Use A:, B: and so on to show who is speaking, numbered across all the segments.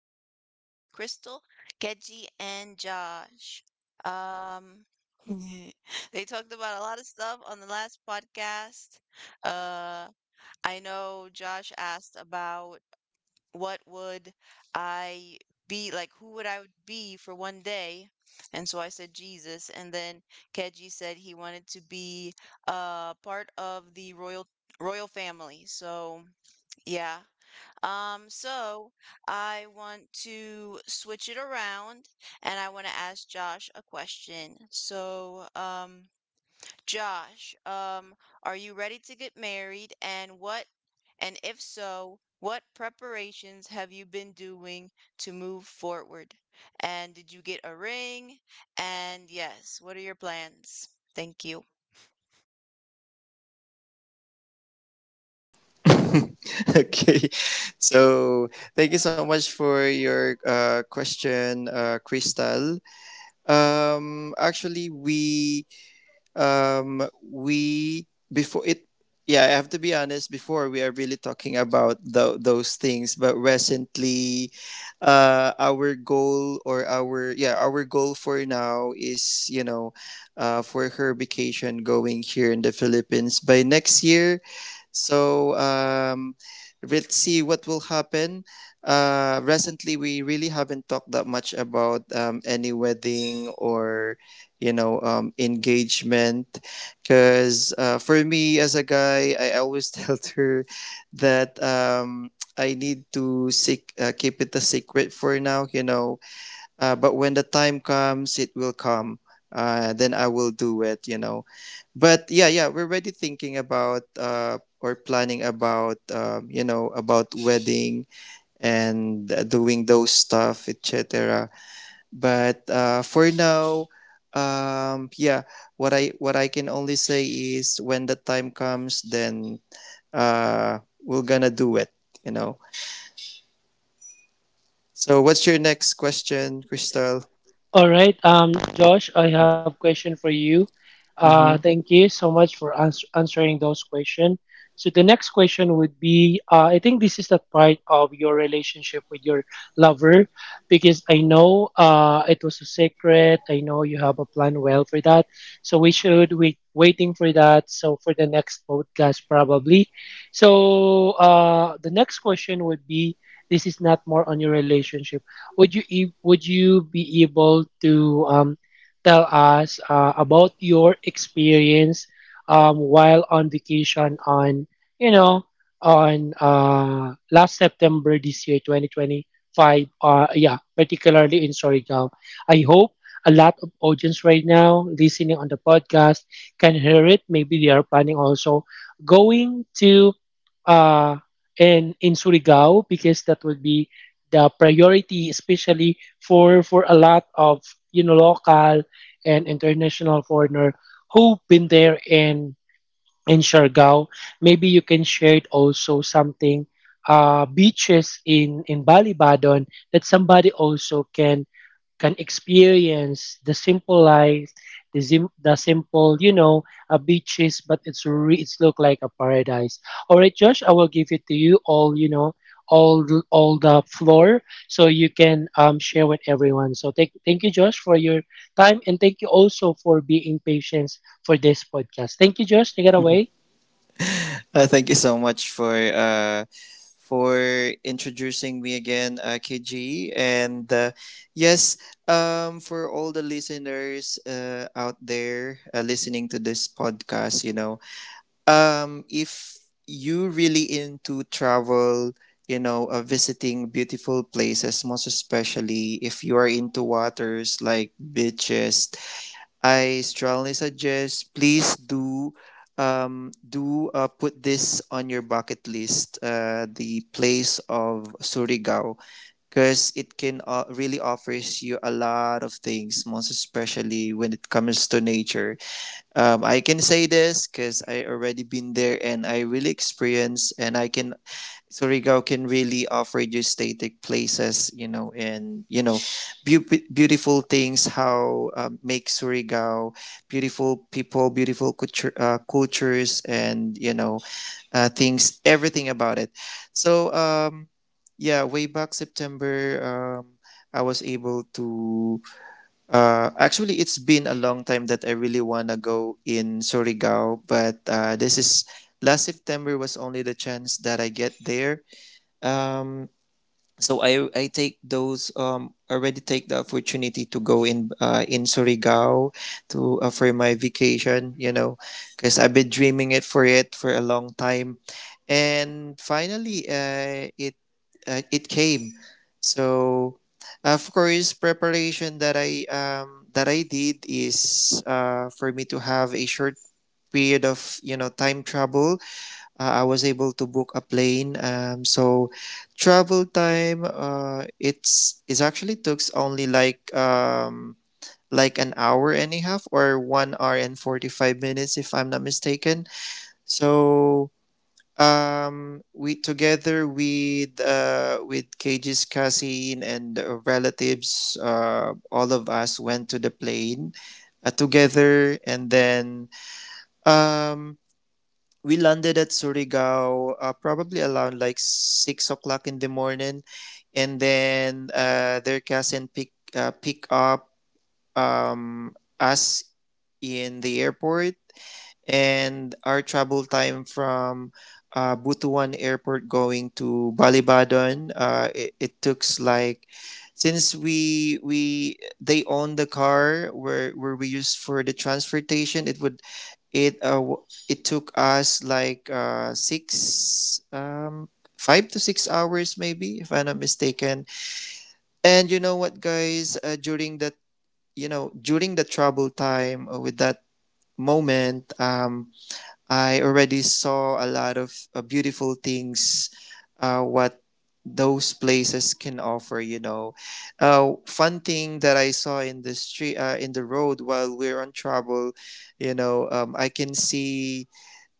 A: podcast with Crystal, Keji, and Josh. Um, they talked about a lot of stuff on the last podcast. Uh, I know Josh asked about what would I be like, who would I would be for one day? And so I said Jesus, and then Keji said he wanted to be part of the royal family. So, yeah. So I want to switch it around, and I want to ask Josh a question. So, Josh, are you ready to get married, and if so, what preparations have you been doing to move forward? And did you get a ring? And yes, what are your plans? Thank you.
B: Okay. So, thank you so much for your question, Crystal. Actually, we before it. Yeah, I have to be honest. Before we are really talking about those things, but recently, our goal or our our goal for now is for her vacation going here in the Philippines by next year, so let's see what will happen. Recently, we really haven't talked that much about any wedding or engagement because for me as a guy, I always tell her that I need to seek, keep it a secret for now, you know. Uh, but when the time comes, it will come. Then I will do it, you know. But yeah, we're already thinking about or planning about, about wedding and doing those stuff, etc. But for now, um, yeah, what I can only say is when the time comes, then we're gonna do it, you know. So, what's your next question, Crystal?
C: All right, Josh, I have question for you.
B: Mm-hmm.
C: Thank you so much for answering those questions. So the next question would be, I think this is the part of your relationship with your lover, because I know it was a secret. I know you have a plan well for that. So we should waiting for that. So for the next podcast probably. So the next question would be, this is not more on your relationship, would you would you be able to um, tell us about your experience while on vacation on you know on last September this year, 2025? Yeah, particularly in Surigao. I hope a lot of audience right now listening on the podcast can hear it. Maybe they are planning also going to uh, in Surigao, because that would be the priority, especially for a lot of local and international foreigner who've been there in Siargao. Maybe you can share it also something, beaches in Balibadon that somebody also can experience the simple life, the simple, you know, beaches, but it's look like a paradise. All right, Josh, I will give it to you all, you know, all the floor, so you can share with everyone. So thank you, Josh, for your time, and thank you also for being patient for this podcast. Thank you, Josh. Take it away.
B: Thank you so much for for introducing me again, KG. And yes, for all the listeners out there listening to this podcast, you know, if you really into travel, you know, visiting beautiful places, most especially if you are into waters like beaches, I strongly suggest, please do put this on your bucket list, the place of Surigao, because it can really offers you a lot of things, most especially when it comes to nature. I can say this because I already been there and I really experienced, and I can, so Rigao can really offer you static places, you know, and you know, beau- beautiful things. How make Surigao, beautiful people, beautiful culture, cultures, and you know, things, everything about it. So, yeah, way back September, um, I was able to. Actually, it's been a long time that I really wanna go in Surigao, but this is, last September was only the chance that I get there. Um, so I take those already take the opportunity to go in Surigao to for my vacation, you know, because I've been dreaming it for a long time, and finally it came. So of course, preparation that I did is for me to have a short period of time travel. I was able to book a plane. So travel time, it actually took only like an hour and a half or 1 hour and 45 minutes, if I'm not mistaken. So we, together with KG's cousin and relatives, all of us went to the plane together, and then um we landed at Surigao probably around like 6 o'clock in the morning, and then their cousin pick up um, us in the airport, and our travel time from Butuan Airport going to Balibadon, it took like, since we they own the car where we used for the transportation, it would it w- it took us like 5 to 6 hours, maybe, if I'm not mistaken. And you know what, guys? During that, you know, during the trouble time with that moment, I already saw a lot of beautiful things. What those places can offer, you know. Fun thing that I saw in the street, in the road while we're on trouble, you know, I can see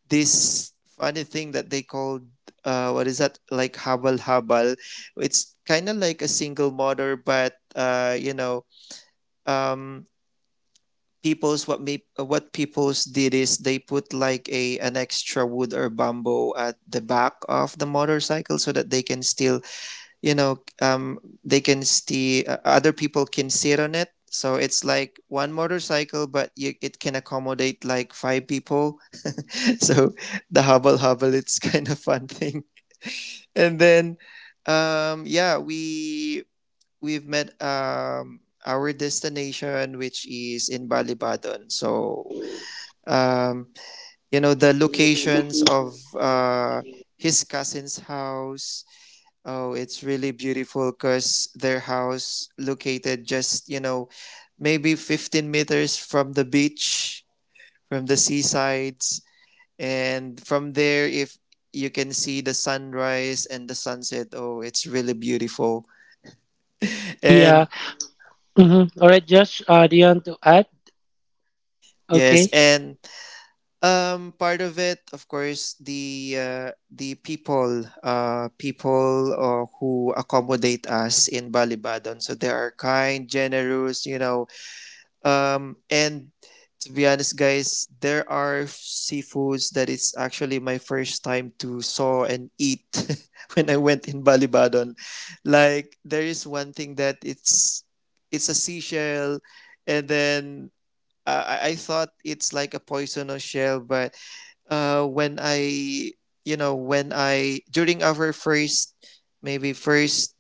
B: this funny thing that they called what is that, like habal habal, it's kind of like a single mother, but you know, um, people's what me what people's did is they put like a an extra wood or bamboo at the back of the motorcycle so that they can still, you know um, they can see, other people can sit on it, so it's like one motorcycle, but you, it can accommodate like five people. So the hubble hubble, it's kind of fun thing. And then yeah, we, we've met our destination, which is in Balibadon. So um you know, the locations of uh his cousin's house, oh, it's really beautiful, because their house located just, you know, maybe 15 meters from the beach, from the seasides, and from there, if you can see the sunrise and the sunset, oh, it's really beautiful.
C: Yeah.
B: And
C: Mm-hmm. All right, Josh. Do you want to add?
B: yes,
C: Okay.
B: and part of it, of course, the people who accommodate us in Balibadon. So they are kind, generous, you know, and to be honest, guys, there are seafoods that it's actually my first time to saw and eat when I went in Balibadon. Like there is one thing that it's a seashell, and then I thought it's like a poisonous shell, but when I you know when I, during our first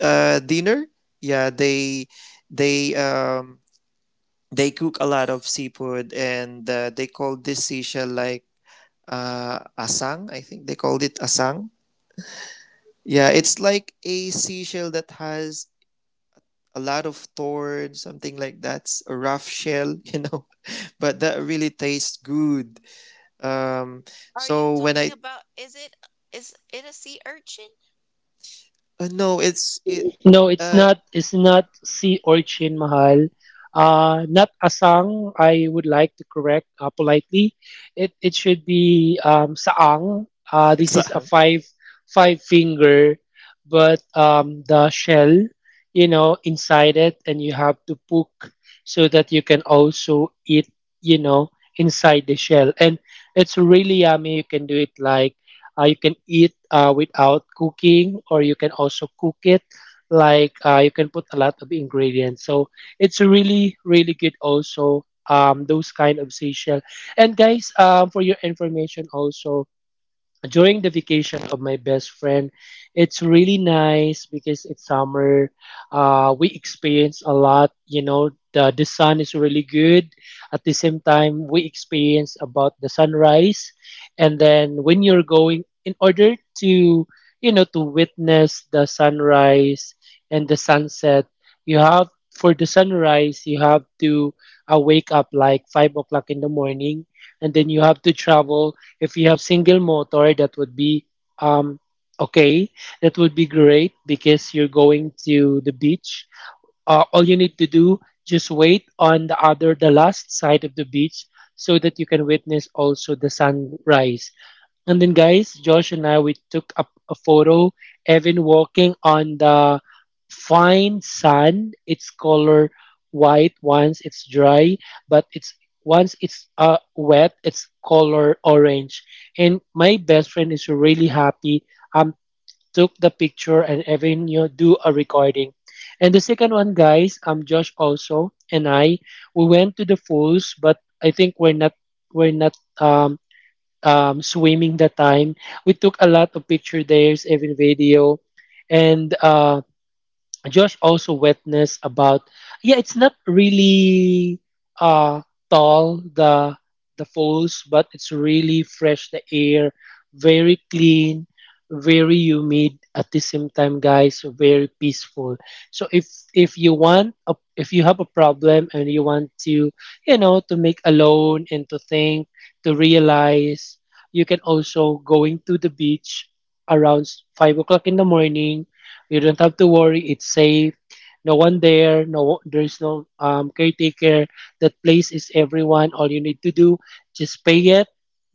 B: dinner, yeah, they um they cook a lot of seafood, and they call this seashell like asang. I think they called it asang. Yeah, it's like a seashell that has a lot of thorn, something like that. It's a rough shell, you know, but that really tastes good. Um,
A: Are you
B: so when
A: talking
B: I
A: about, is it a sea urchin?
B: no, it's it.
C: No, it's
B: Uh,
C: not. It's not si Orchin Mahal. Not asang. I would like to correct politely. It should be saang. This
B: it's
C: is a five finger, but the shell, you know, inside it, and you have to poke so that you can also eat, you know, inside the shell, and it's really yummy. You can do it like, you can eat without cooking, or you can also cook it like, you can put a lot of ingredients, so it's really really good also, those kind of seashell. And guys, for your information also, during the vacation of my best friend, it's really nice because it's summer. We experience a lot, you know, the sun is really good. At the same time, we experience about the sunrise. And then when you're going in order to, you know, to witness the sunrise and the sunset, you have, for the sunrise you have to wake up like 5 o'clock in the morning, and then you have to travel. If you have single motor, that would be um, okay. That would be great because you're going to the beach. All you need to do, just wait on the other, the last side of the beach, so that you can witness also the sunrise. And then, guys, Josh and I, we took up a photo. Evan walking on the fine sand. It's color white once it's dry, but it's once it's wet, it's color orange. And my best friend is really happy. Um, Took the picture and Evan, you know, do a recording. And the second one, guys, Josh also and I, we went to the falls, but I think we're not swimming that time. We took a lot of picture there, even video, and Josh also witnessed about, yeah, it's not really uh tall, the falls, but it's really fresh the air, very clean, very humid at the same time, guys, very peaceful. So if you want a, if you have a problem and you want to, you know, to make alone and to think, to realize, you can also going to the beach around 5 o'clock in the morning. You don't have to worry. It's safe. No one there. No, there's no caretaker. That place is everyone. All you need to do, just pay it.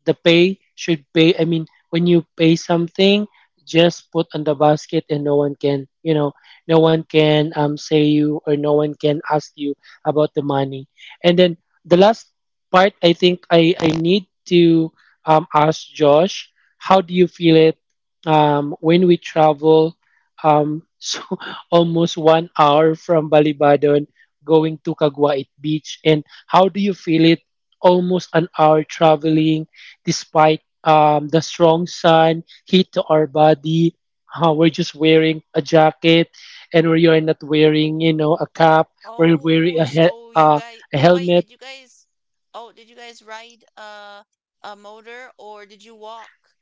C: The pay should pay. I mean, when you pay something, just put on the basket, and no one can, you know, no one can say you or no one can ask you about the money. And then the last part, I think I need to ask Josh, how do you feel it when we travel? So almost 1 hour from Balibadon going to Caguait Beach, and how do you feel it almost an hour traveling, despite the strong sun heat to our body? We're just wearing a jacket, and we are not wearing, you know, a cap. We're wearing
A: Oh,
C: a,
A: so you guys,
C: a
A: wait,
C: helmet.
A: did you guys, oh, did you guys ride a motor, or did you walk?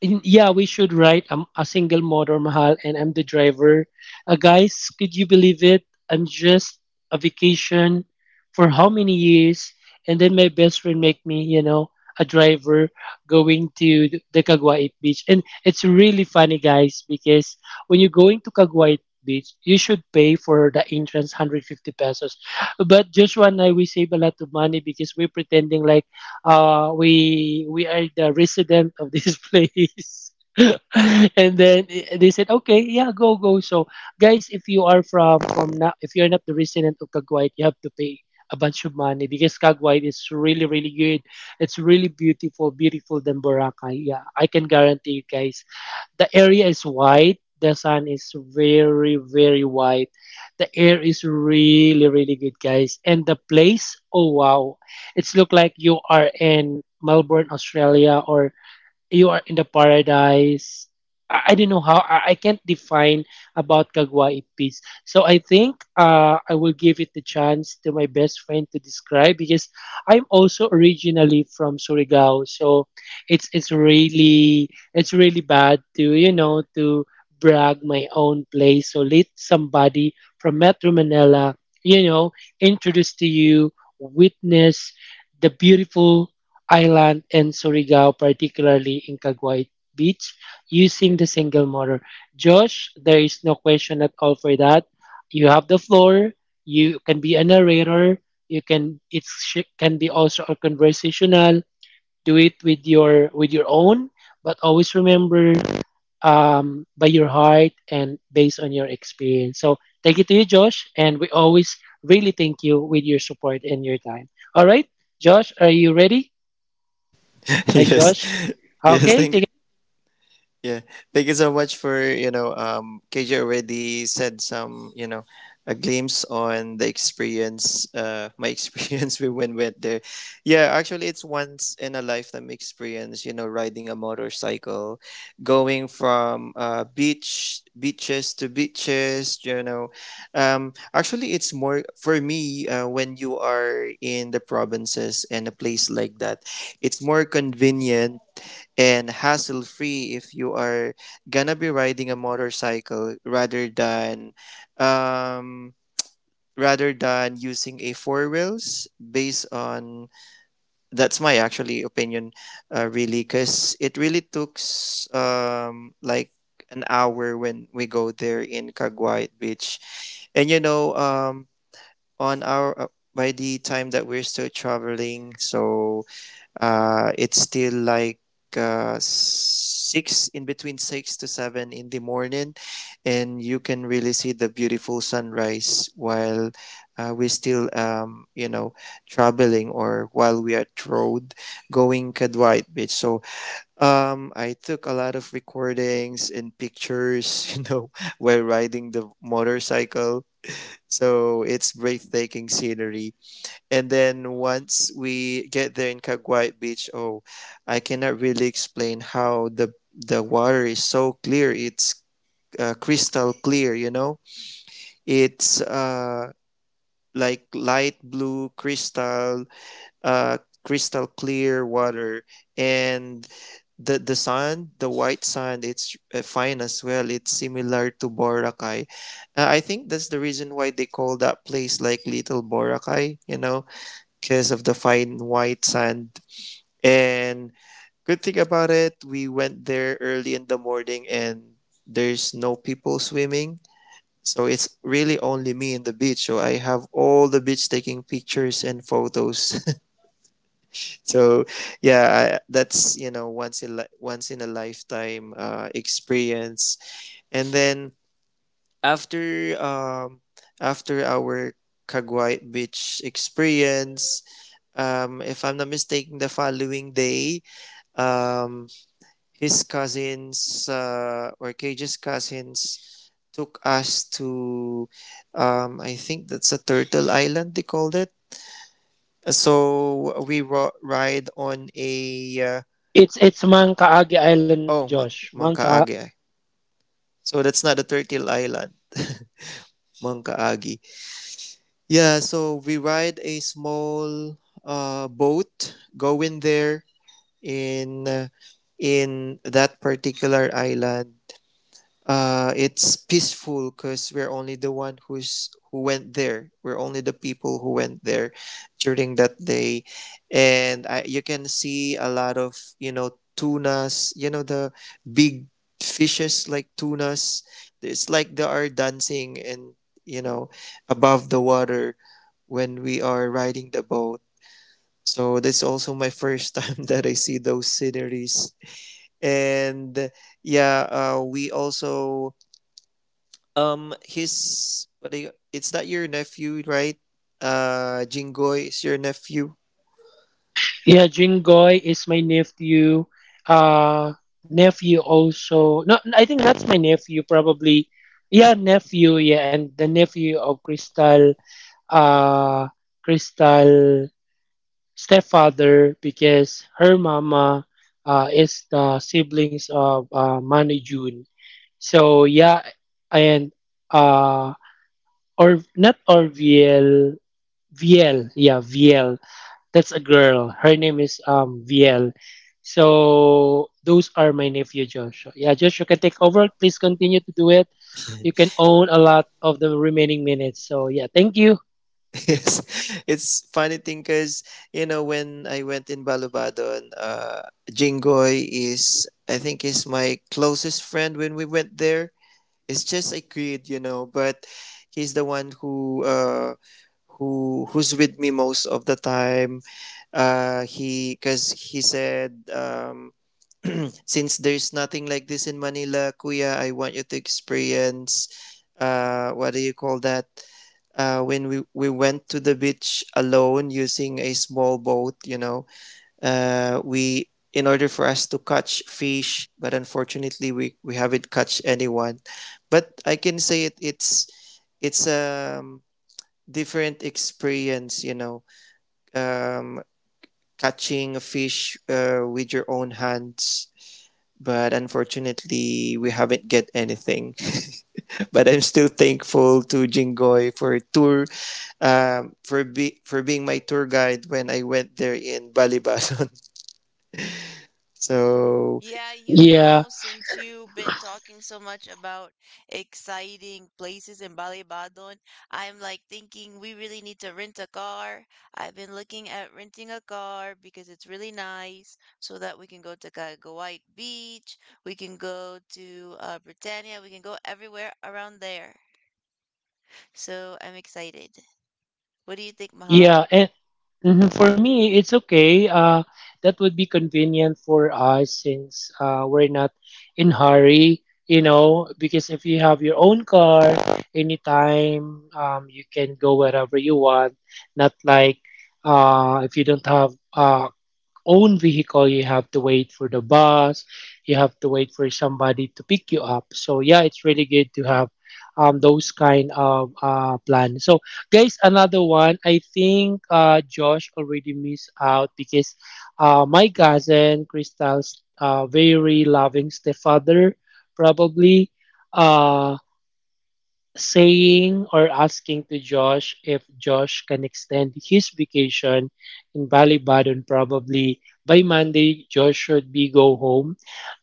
C: Yeah, we should write a single motor mahal, and I'm the driver. Guys, could you believe it? I'm just a vacation for how many years? And then my best friend make me, you know, a driver going to the Caguait Beach. And it's really funny, guys, because when you're going to Caguait Beach, you should pay for the entrance 150 pesos. But Joshua and I, we save a lot of money because we're pretending like. We are the resident of this place. And then they said, okay, yeah, go go. So guys, if you are from if you're not the resident of Caguyat, you have to pay a bunch of money because Caguyat is really really good. It's really beautiful, beautiful than Boracay. Yeah, I can guarantee you guys. The area is white. The sun is very, very white. The air is really, really good, guys. And the place, oh wow. It's look like you are in Melbourne, Australia, or you are in the paradise. I don't know how I can't define about Kagwai peace. So I think I will give it the chance to my best friend to describe because I'm also originally from Surigao, so it's really bad to, you know, to brag my own place. So let somebody from Metro Manila, you know, introduce to you, witness the beautiful Island and Surigao, particularly in Caguay Beach, using the single motor. Josh, there is no question at all for that. You have the floor. You can be a narrator. You can can be also a conversational. Do it with your own, but always remember, by your heart and based on your experience. So thank you to you, Josh, and we always really thank you with your support and your time. All right, Josh, are you ready? Hi,
B: yes,
C: Josh.
B: yes.
C: Okay,
B: Thank,
C: take it away.
B: yeah, thank you so much for you know. KJ already said some, you know, a glimpse on the experience. My experience, we when went there. Yeah, actually, it's once in a lifetime experience. You know, riding a motorcycle, going from beaches to beaches. You know, it's more for me when you are in the provinces and a place like that. It's more convenient and hassle free if you are gonna be riding a motorcycle rather than um using a four wheels, based on, that's my actually opinion, really, because it really like an hour when we go there in Caguay Beach. And you know, on our by the time that we're still traveling, so it's still like six, in between six to seven in the morning, and you can really see the beautiful sunrise while we're still, you know, traveling, or while we are road, going Kadwait Beach. So I took a lot of recordings and pictures, you know, while riding the motorcycle. So it's breathtaking scenery. And then once we get there in Caguay Beach, oh, I cannot really explain how the water is so clear. It's crystal clear, you know. It's light blue crystal, uh crystal clear water, and the sand, the white sand, it's fine as well. It's similar to Boracay. I think that's the reason why they call that place like Little Boracay. You know, because of the fine white sand. And good thing about it, we went there early in the morning, and there's no people swimming. So it's really only me in the beach. So I have all the beach taking pictures and photos. So yeah, that's you know, once in a lifetime experience. And then after um after our Caguay beach experience, if I'm not mistaken, the following day, um, his cousins or Cage's cousins took us to, I think that's a Turtle Island, they called it. So ride on a,
C: It's Mangkaagi Island,
B: oh,
C: Josh. Mangka.
B: Mangkaagi. So that's not a Turtle Island, Mangkaagi. Yeah, so we ride a small boat, go in there, in uh, in that particular island. It's peaceful because we're only the one who's who went there, we're only the people who went there during that day. And I, you can see a lot of, you know, tunas, you know, the big fishes like tunas, it's like they are dancing and, you know, above the water when we are riding the boat. So that's also my first time that I see those sceneries. And yeah, we also his what do you, it's not your nephew, right? Jingoy is your nephew.
C: Yeah, Jingoy is my nephew. Uh, nephew also. No, I think that's my nephew probably. Yeah, nephew. Yeah, and the nephew of Crystal. Uh, Crystal stepfather because her mama is the siblings of Manny June. So yeah, and uh or not Orville. VL, yeah, VL. That's a girl. Her name is VL. So those are my nephew Joshua. Yeah, Joshua can take over. Please continue to do it. You can own a lot of the remaining minutes. So yeah, thank you.
B: Yes. It's funny thing cuz you know when I went in Balubadon, Jingoy is, I think is my closest friend when we went there. It's just a kid, you know, but he's the one who who's with me most of the time. He cuz he said, since there's nothing like this in Manila, Kuya, I want you to experience, what do you call that? When we went to the beach alone using a small boat, you know, we, in order for us to catch fish, but unfortunately we haven't catch anyone. But I can say it, it's a different experience, you know, um, catching a fish with your own hands, but unfortunately we haven't get anything. But I'm still thankful to Jingoy for tour, for being my tour guide when I went there in Balibason. So
A: Yeah, you
C: Yeah,
A: know, since you've been talking so much about exciting places in Balibadon, I'm like thinking we really need to rent a car. I've been looking at renting a car because it's really nice so that we can go to Cagaguay Beach, we can go to Britannia, we can go everywhere around there. So I'm excited. What do you think, Mahal?
C: yeah. And mhm, for me, it's okay. That would be convenient for us since we're not in hurry, you know, because if you have your own car, anytime you can go wherever you want. Not like, if you don't have a own vehicle, you have to wait for the bus, you have to wait for somebody to pick you up. So yeah, it's really good to have those kind of plan. So guys, another one. I think Josh already missed out because my cousin Crystal's very loving stepfather probably uh saying or asking to Josh if Josh can extend his vacation in Ballybaden. Probably by Monday Josh should be go home,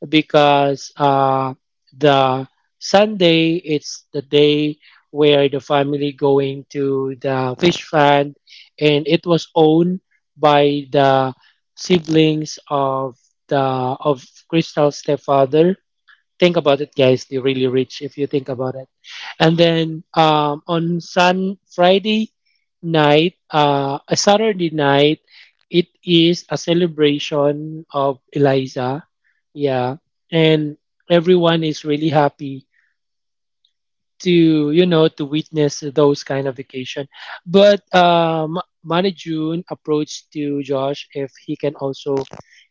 C: because the Sunday it's the day where the family going to the fish fund, and it was owned by the siblings of the of Crystal's stepfather. Think about it, guys. They're really rich if you think about it. And then on Sun Friday night, a Saturday night, it is a celebration of Eliza. Yeah, and everyone is really happy to, you know, to witness those kind of vacation. But Manny June approached to Josh if he can also,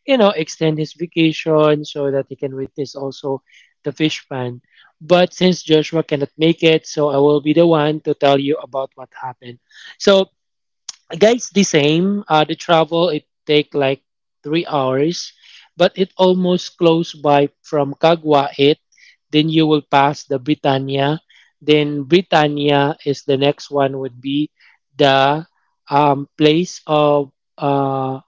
C: you know, extend his vacation so that he can witness also the fish pan. But since Joshua cannot make it, so I will be the one to tell you about what happened. So guys, the same, the travel it take like 3 hours, but it almost close by from Caguait, then you will pass the Britannia, then Britannia is the next one would be the place of uh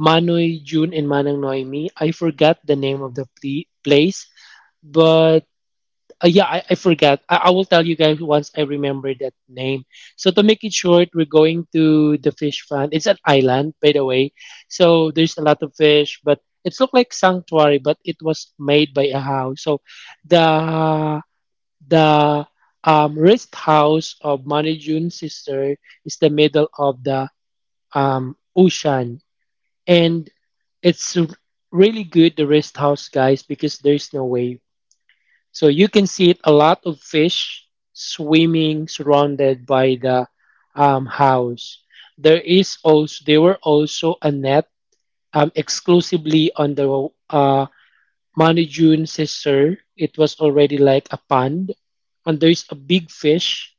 C: Manoy June and Manang Noemi. I forgot the name of the place, but uh, yeah, I forgot. I will tell you guys once I remember that name. So to make it short, we're going to the fish farm. It's an island, by the way. So there's a lot of fish, but it's look like sanctuary, but it was made by a house. So the the rest house of Manny June's sister is the middle of the ocean, and it's really good the rest house, guys, because there's no wave. So you can see it, a lot of fish swimming surrounded by the house. There is also there were also a net, exclusively on the uh, Manijun sister. It was already like a pond, and there is a big fish.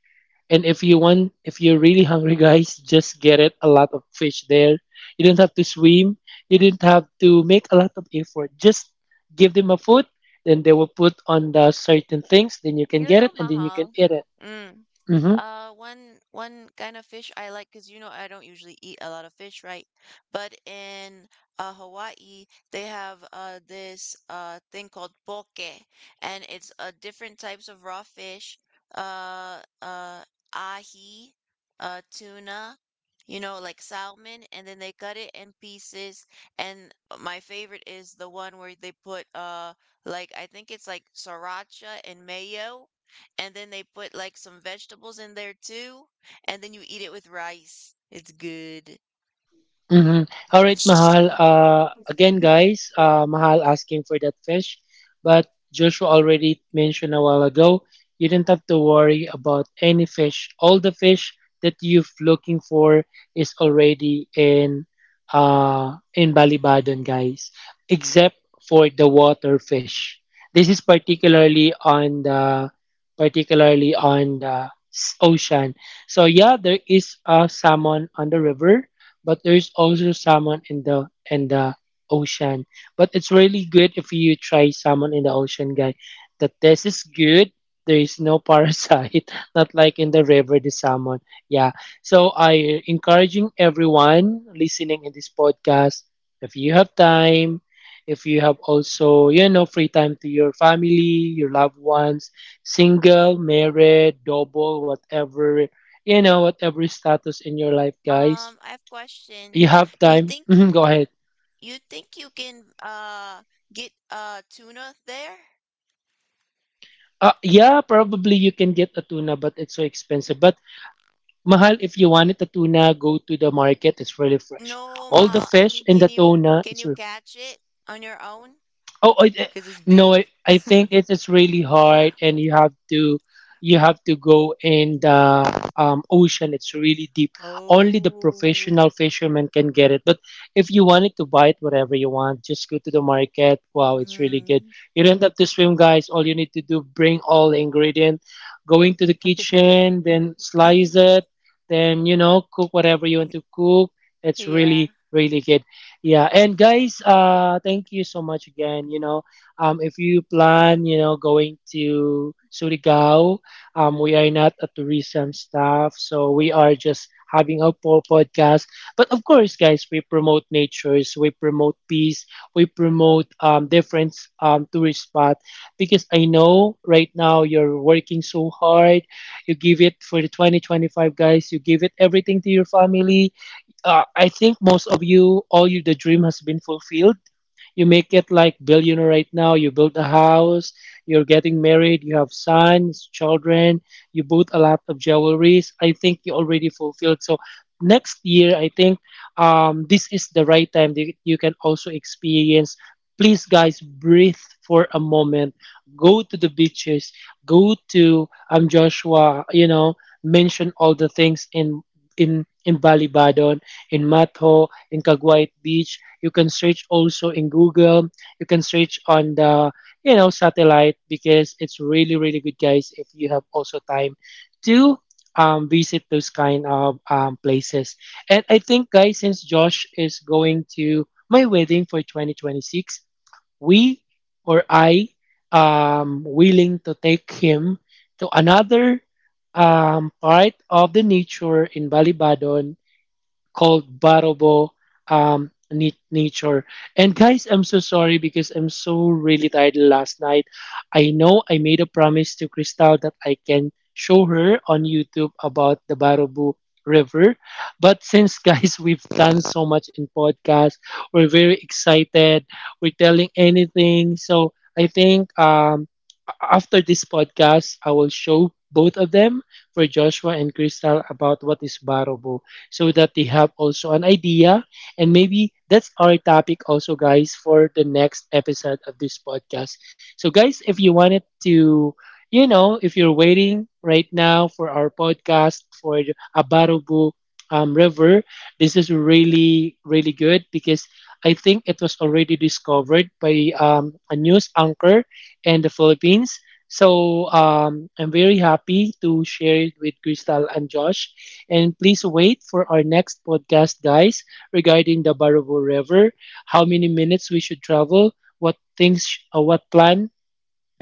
C: And if you want, if you're really hungry, guys, just get it a lot of fish there. You don't have to swim. You don't have to make a lot of effort. Just give them a food, then they will put on the certain things. Then you can
A: You
C: get
A: know,
C: it, and then you can
A: Mahal.
C: eat it.
A: Mm.
C: Hmm.
A: One kind of fish I like, because you know I don't usually eat a lot of fish, right? But in Hawaii, they have this thing called poke, and it's different types of raw fish, uh uh ahi, tuna, you know, like salmon, and then they cut it in pieces. And my favorite is the one where they put like I think it's like sriracha and mayo, and then they put like some vegetables in there too, and then you eat it with rice. It's good.
C: Mhm. All right, Mahal. Again, guys, Mahal asking for that fish, but Joshua already mentioned a while ago. You don't have to worry about any fish. All the fish that you're looking for is already in, in Balibadon, guys, except for the water fish. This is particularly on the s- ocean. So yeah, there is a salmon on the river but there is also salmon in the ocean. But it's really good if you try salmon in the ocean, guy. The taste is good. There is no parasite, not like in the river, the salmon. Yeah. So I encouraging everyone listening in this podcast, if you have time, if you have also, you know, free time to your family, your loved ones, single, married, double, whatever, you know, whatever status in your life, guys,
A: I have a question.
C: you have
A: You
C: time?
A: think
C: Mhm, go ahead.
A: you think you can get tuna there?
C: Yeah, probably you can get a tuna, but it's so expensive. But mahal, if you wanted a tuna, go to the market. It's really fresh.
A: No,
C: All the
A: Mahal. I mean,
C: fish in the tuna,
A: can you
C: it's-
A: catch it on your own?
C: Oh,
A: Because it's big.
C: no, I think it is really hard, and you have to go in the ocean. It's really deep. Only the
A: Oh.
C: professional fishermen can get it. But if you wanted to buy it, whatever you want, just go to the market. Wow, it's really good.
A: Mm.
C: You don't have to swim, guys. All you need to do bring all the ingredient, going to the kitchen, then slice it, then you know cook whatever you want to cook. It's
A: Yeah.
C: really really good. Yeah, and guys, thank you so much again. You know, if you plan, you know, going to Surigao, we are not a tourism staff, so we are just having a po- podcast. But of course, guys, we promote natures, we promote peace, we promote different tourist spot because I know right now you're working so hard. You give it for the 2025, guys. You give it everything to your family. I think most of you, all you, the dream has been fulfilled. You make it like billionaire right now, you build a house, you're getting married, you have sons, children, you bought a lot of jewelries. I think you already fulfilled. So next year I think this is the right time that you can also experience. Please guys breathe for a moment, go to the beaches, go to Joshua, you know, mention all the things in in Balibadon, in Mato, in Caguayt Beach. You can search also in Google. You can search on the, you know, satellite, because it's really really good, guys. If you have also time to visit those kind of places, and I think, guys, since Josh is going to my wedding for 2026, we or I willing to take him to another part of the nature in Balibadon called Barobo Nature. And guys, I'm so sorry because I'm so really tired last night. I know I made a promise to Crystal that I can show her on YouTube about the Barobo River. But since, guys, we've done so much in podcast, we're very excited. We're telling anything. So I think after this podcast, I will show both of them for Joshua and Crystal about what is Barobo, so that they have also an idea. And maybe that's our topic also, guys, for the next episode of this podcast. So, guys, if you wanted to, you know, if you're waiting right now for our podcast for the Abarubu River, this is really, really good because I think it was already discovered by a news anchor in the Philippines. So I'm very happy to share it with Crystal and Josh. And please wait for our next podcast, guys, regarding the Barabo River, how many minutes we should travel, what things, what plan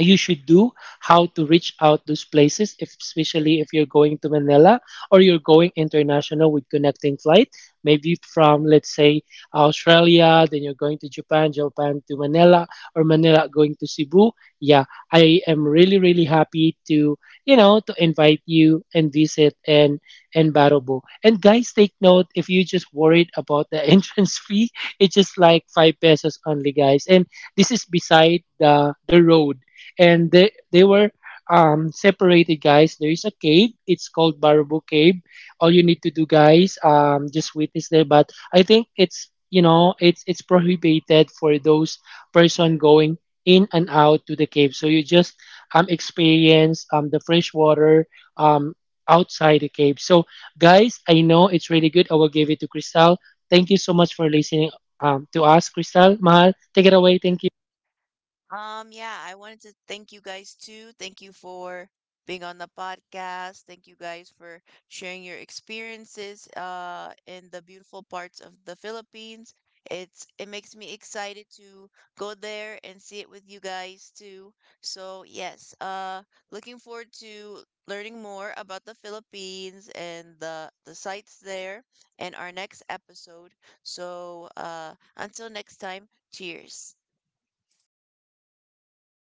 C: you should do, how to reach out those places, if, especially if you're going to Manila, or you're going international with connecting flight, maybe from let's say Australia, then you're going to Japan, Japan to Manila, or Manila going to Cebu. Yeah, I am really really happy to, you know, to invite you and visit, and Barobo. And guys, take note, if you just worried about the entrance fee, it's just like 5 pesos only, guys. And this is beside the road, and they were separated, guys. There is a cave, it's called Barabu cave. All you need to do guys, just witness there, but I think it's, you know, it's prohibited for those person going in and out to the cave, so you just experience the fresh water um outside the cave. So guys, I know it's really good, I will give it to Crystal. Thank you so much for listening, to us. Crystal, Mahal, take it away. Thank you.
A: Yeah, I wanted to thank you guys too. Thank you for being on the podcast. Thank you guys for sharing your experiences in the beautiful parts of the Philippines. It makes me excited to go there and see it with you guys too. So, yes, looking forward to learning more about the Philippines and the sites there and our next episode. So, uh, until next time, cheers.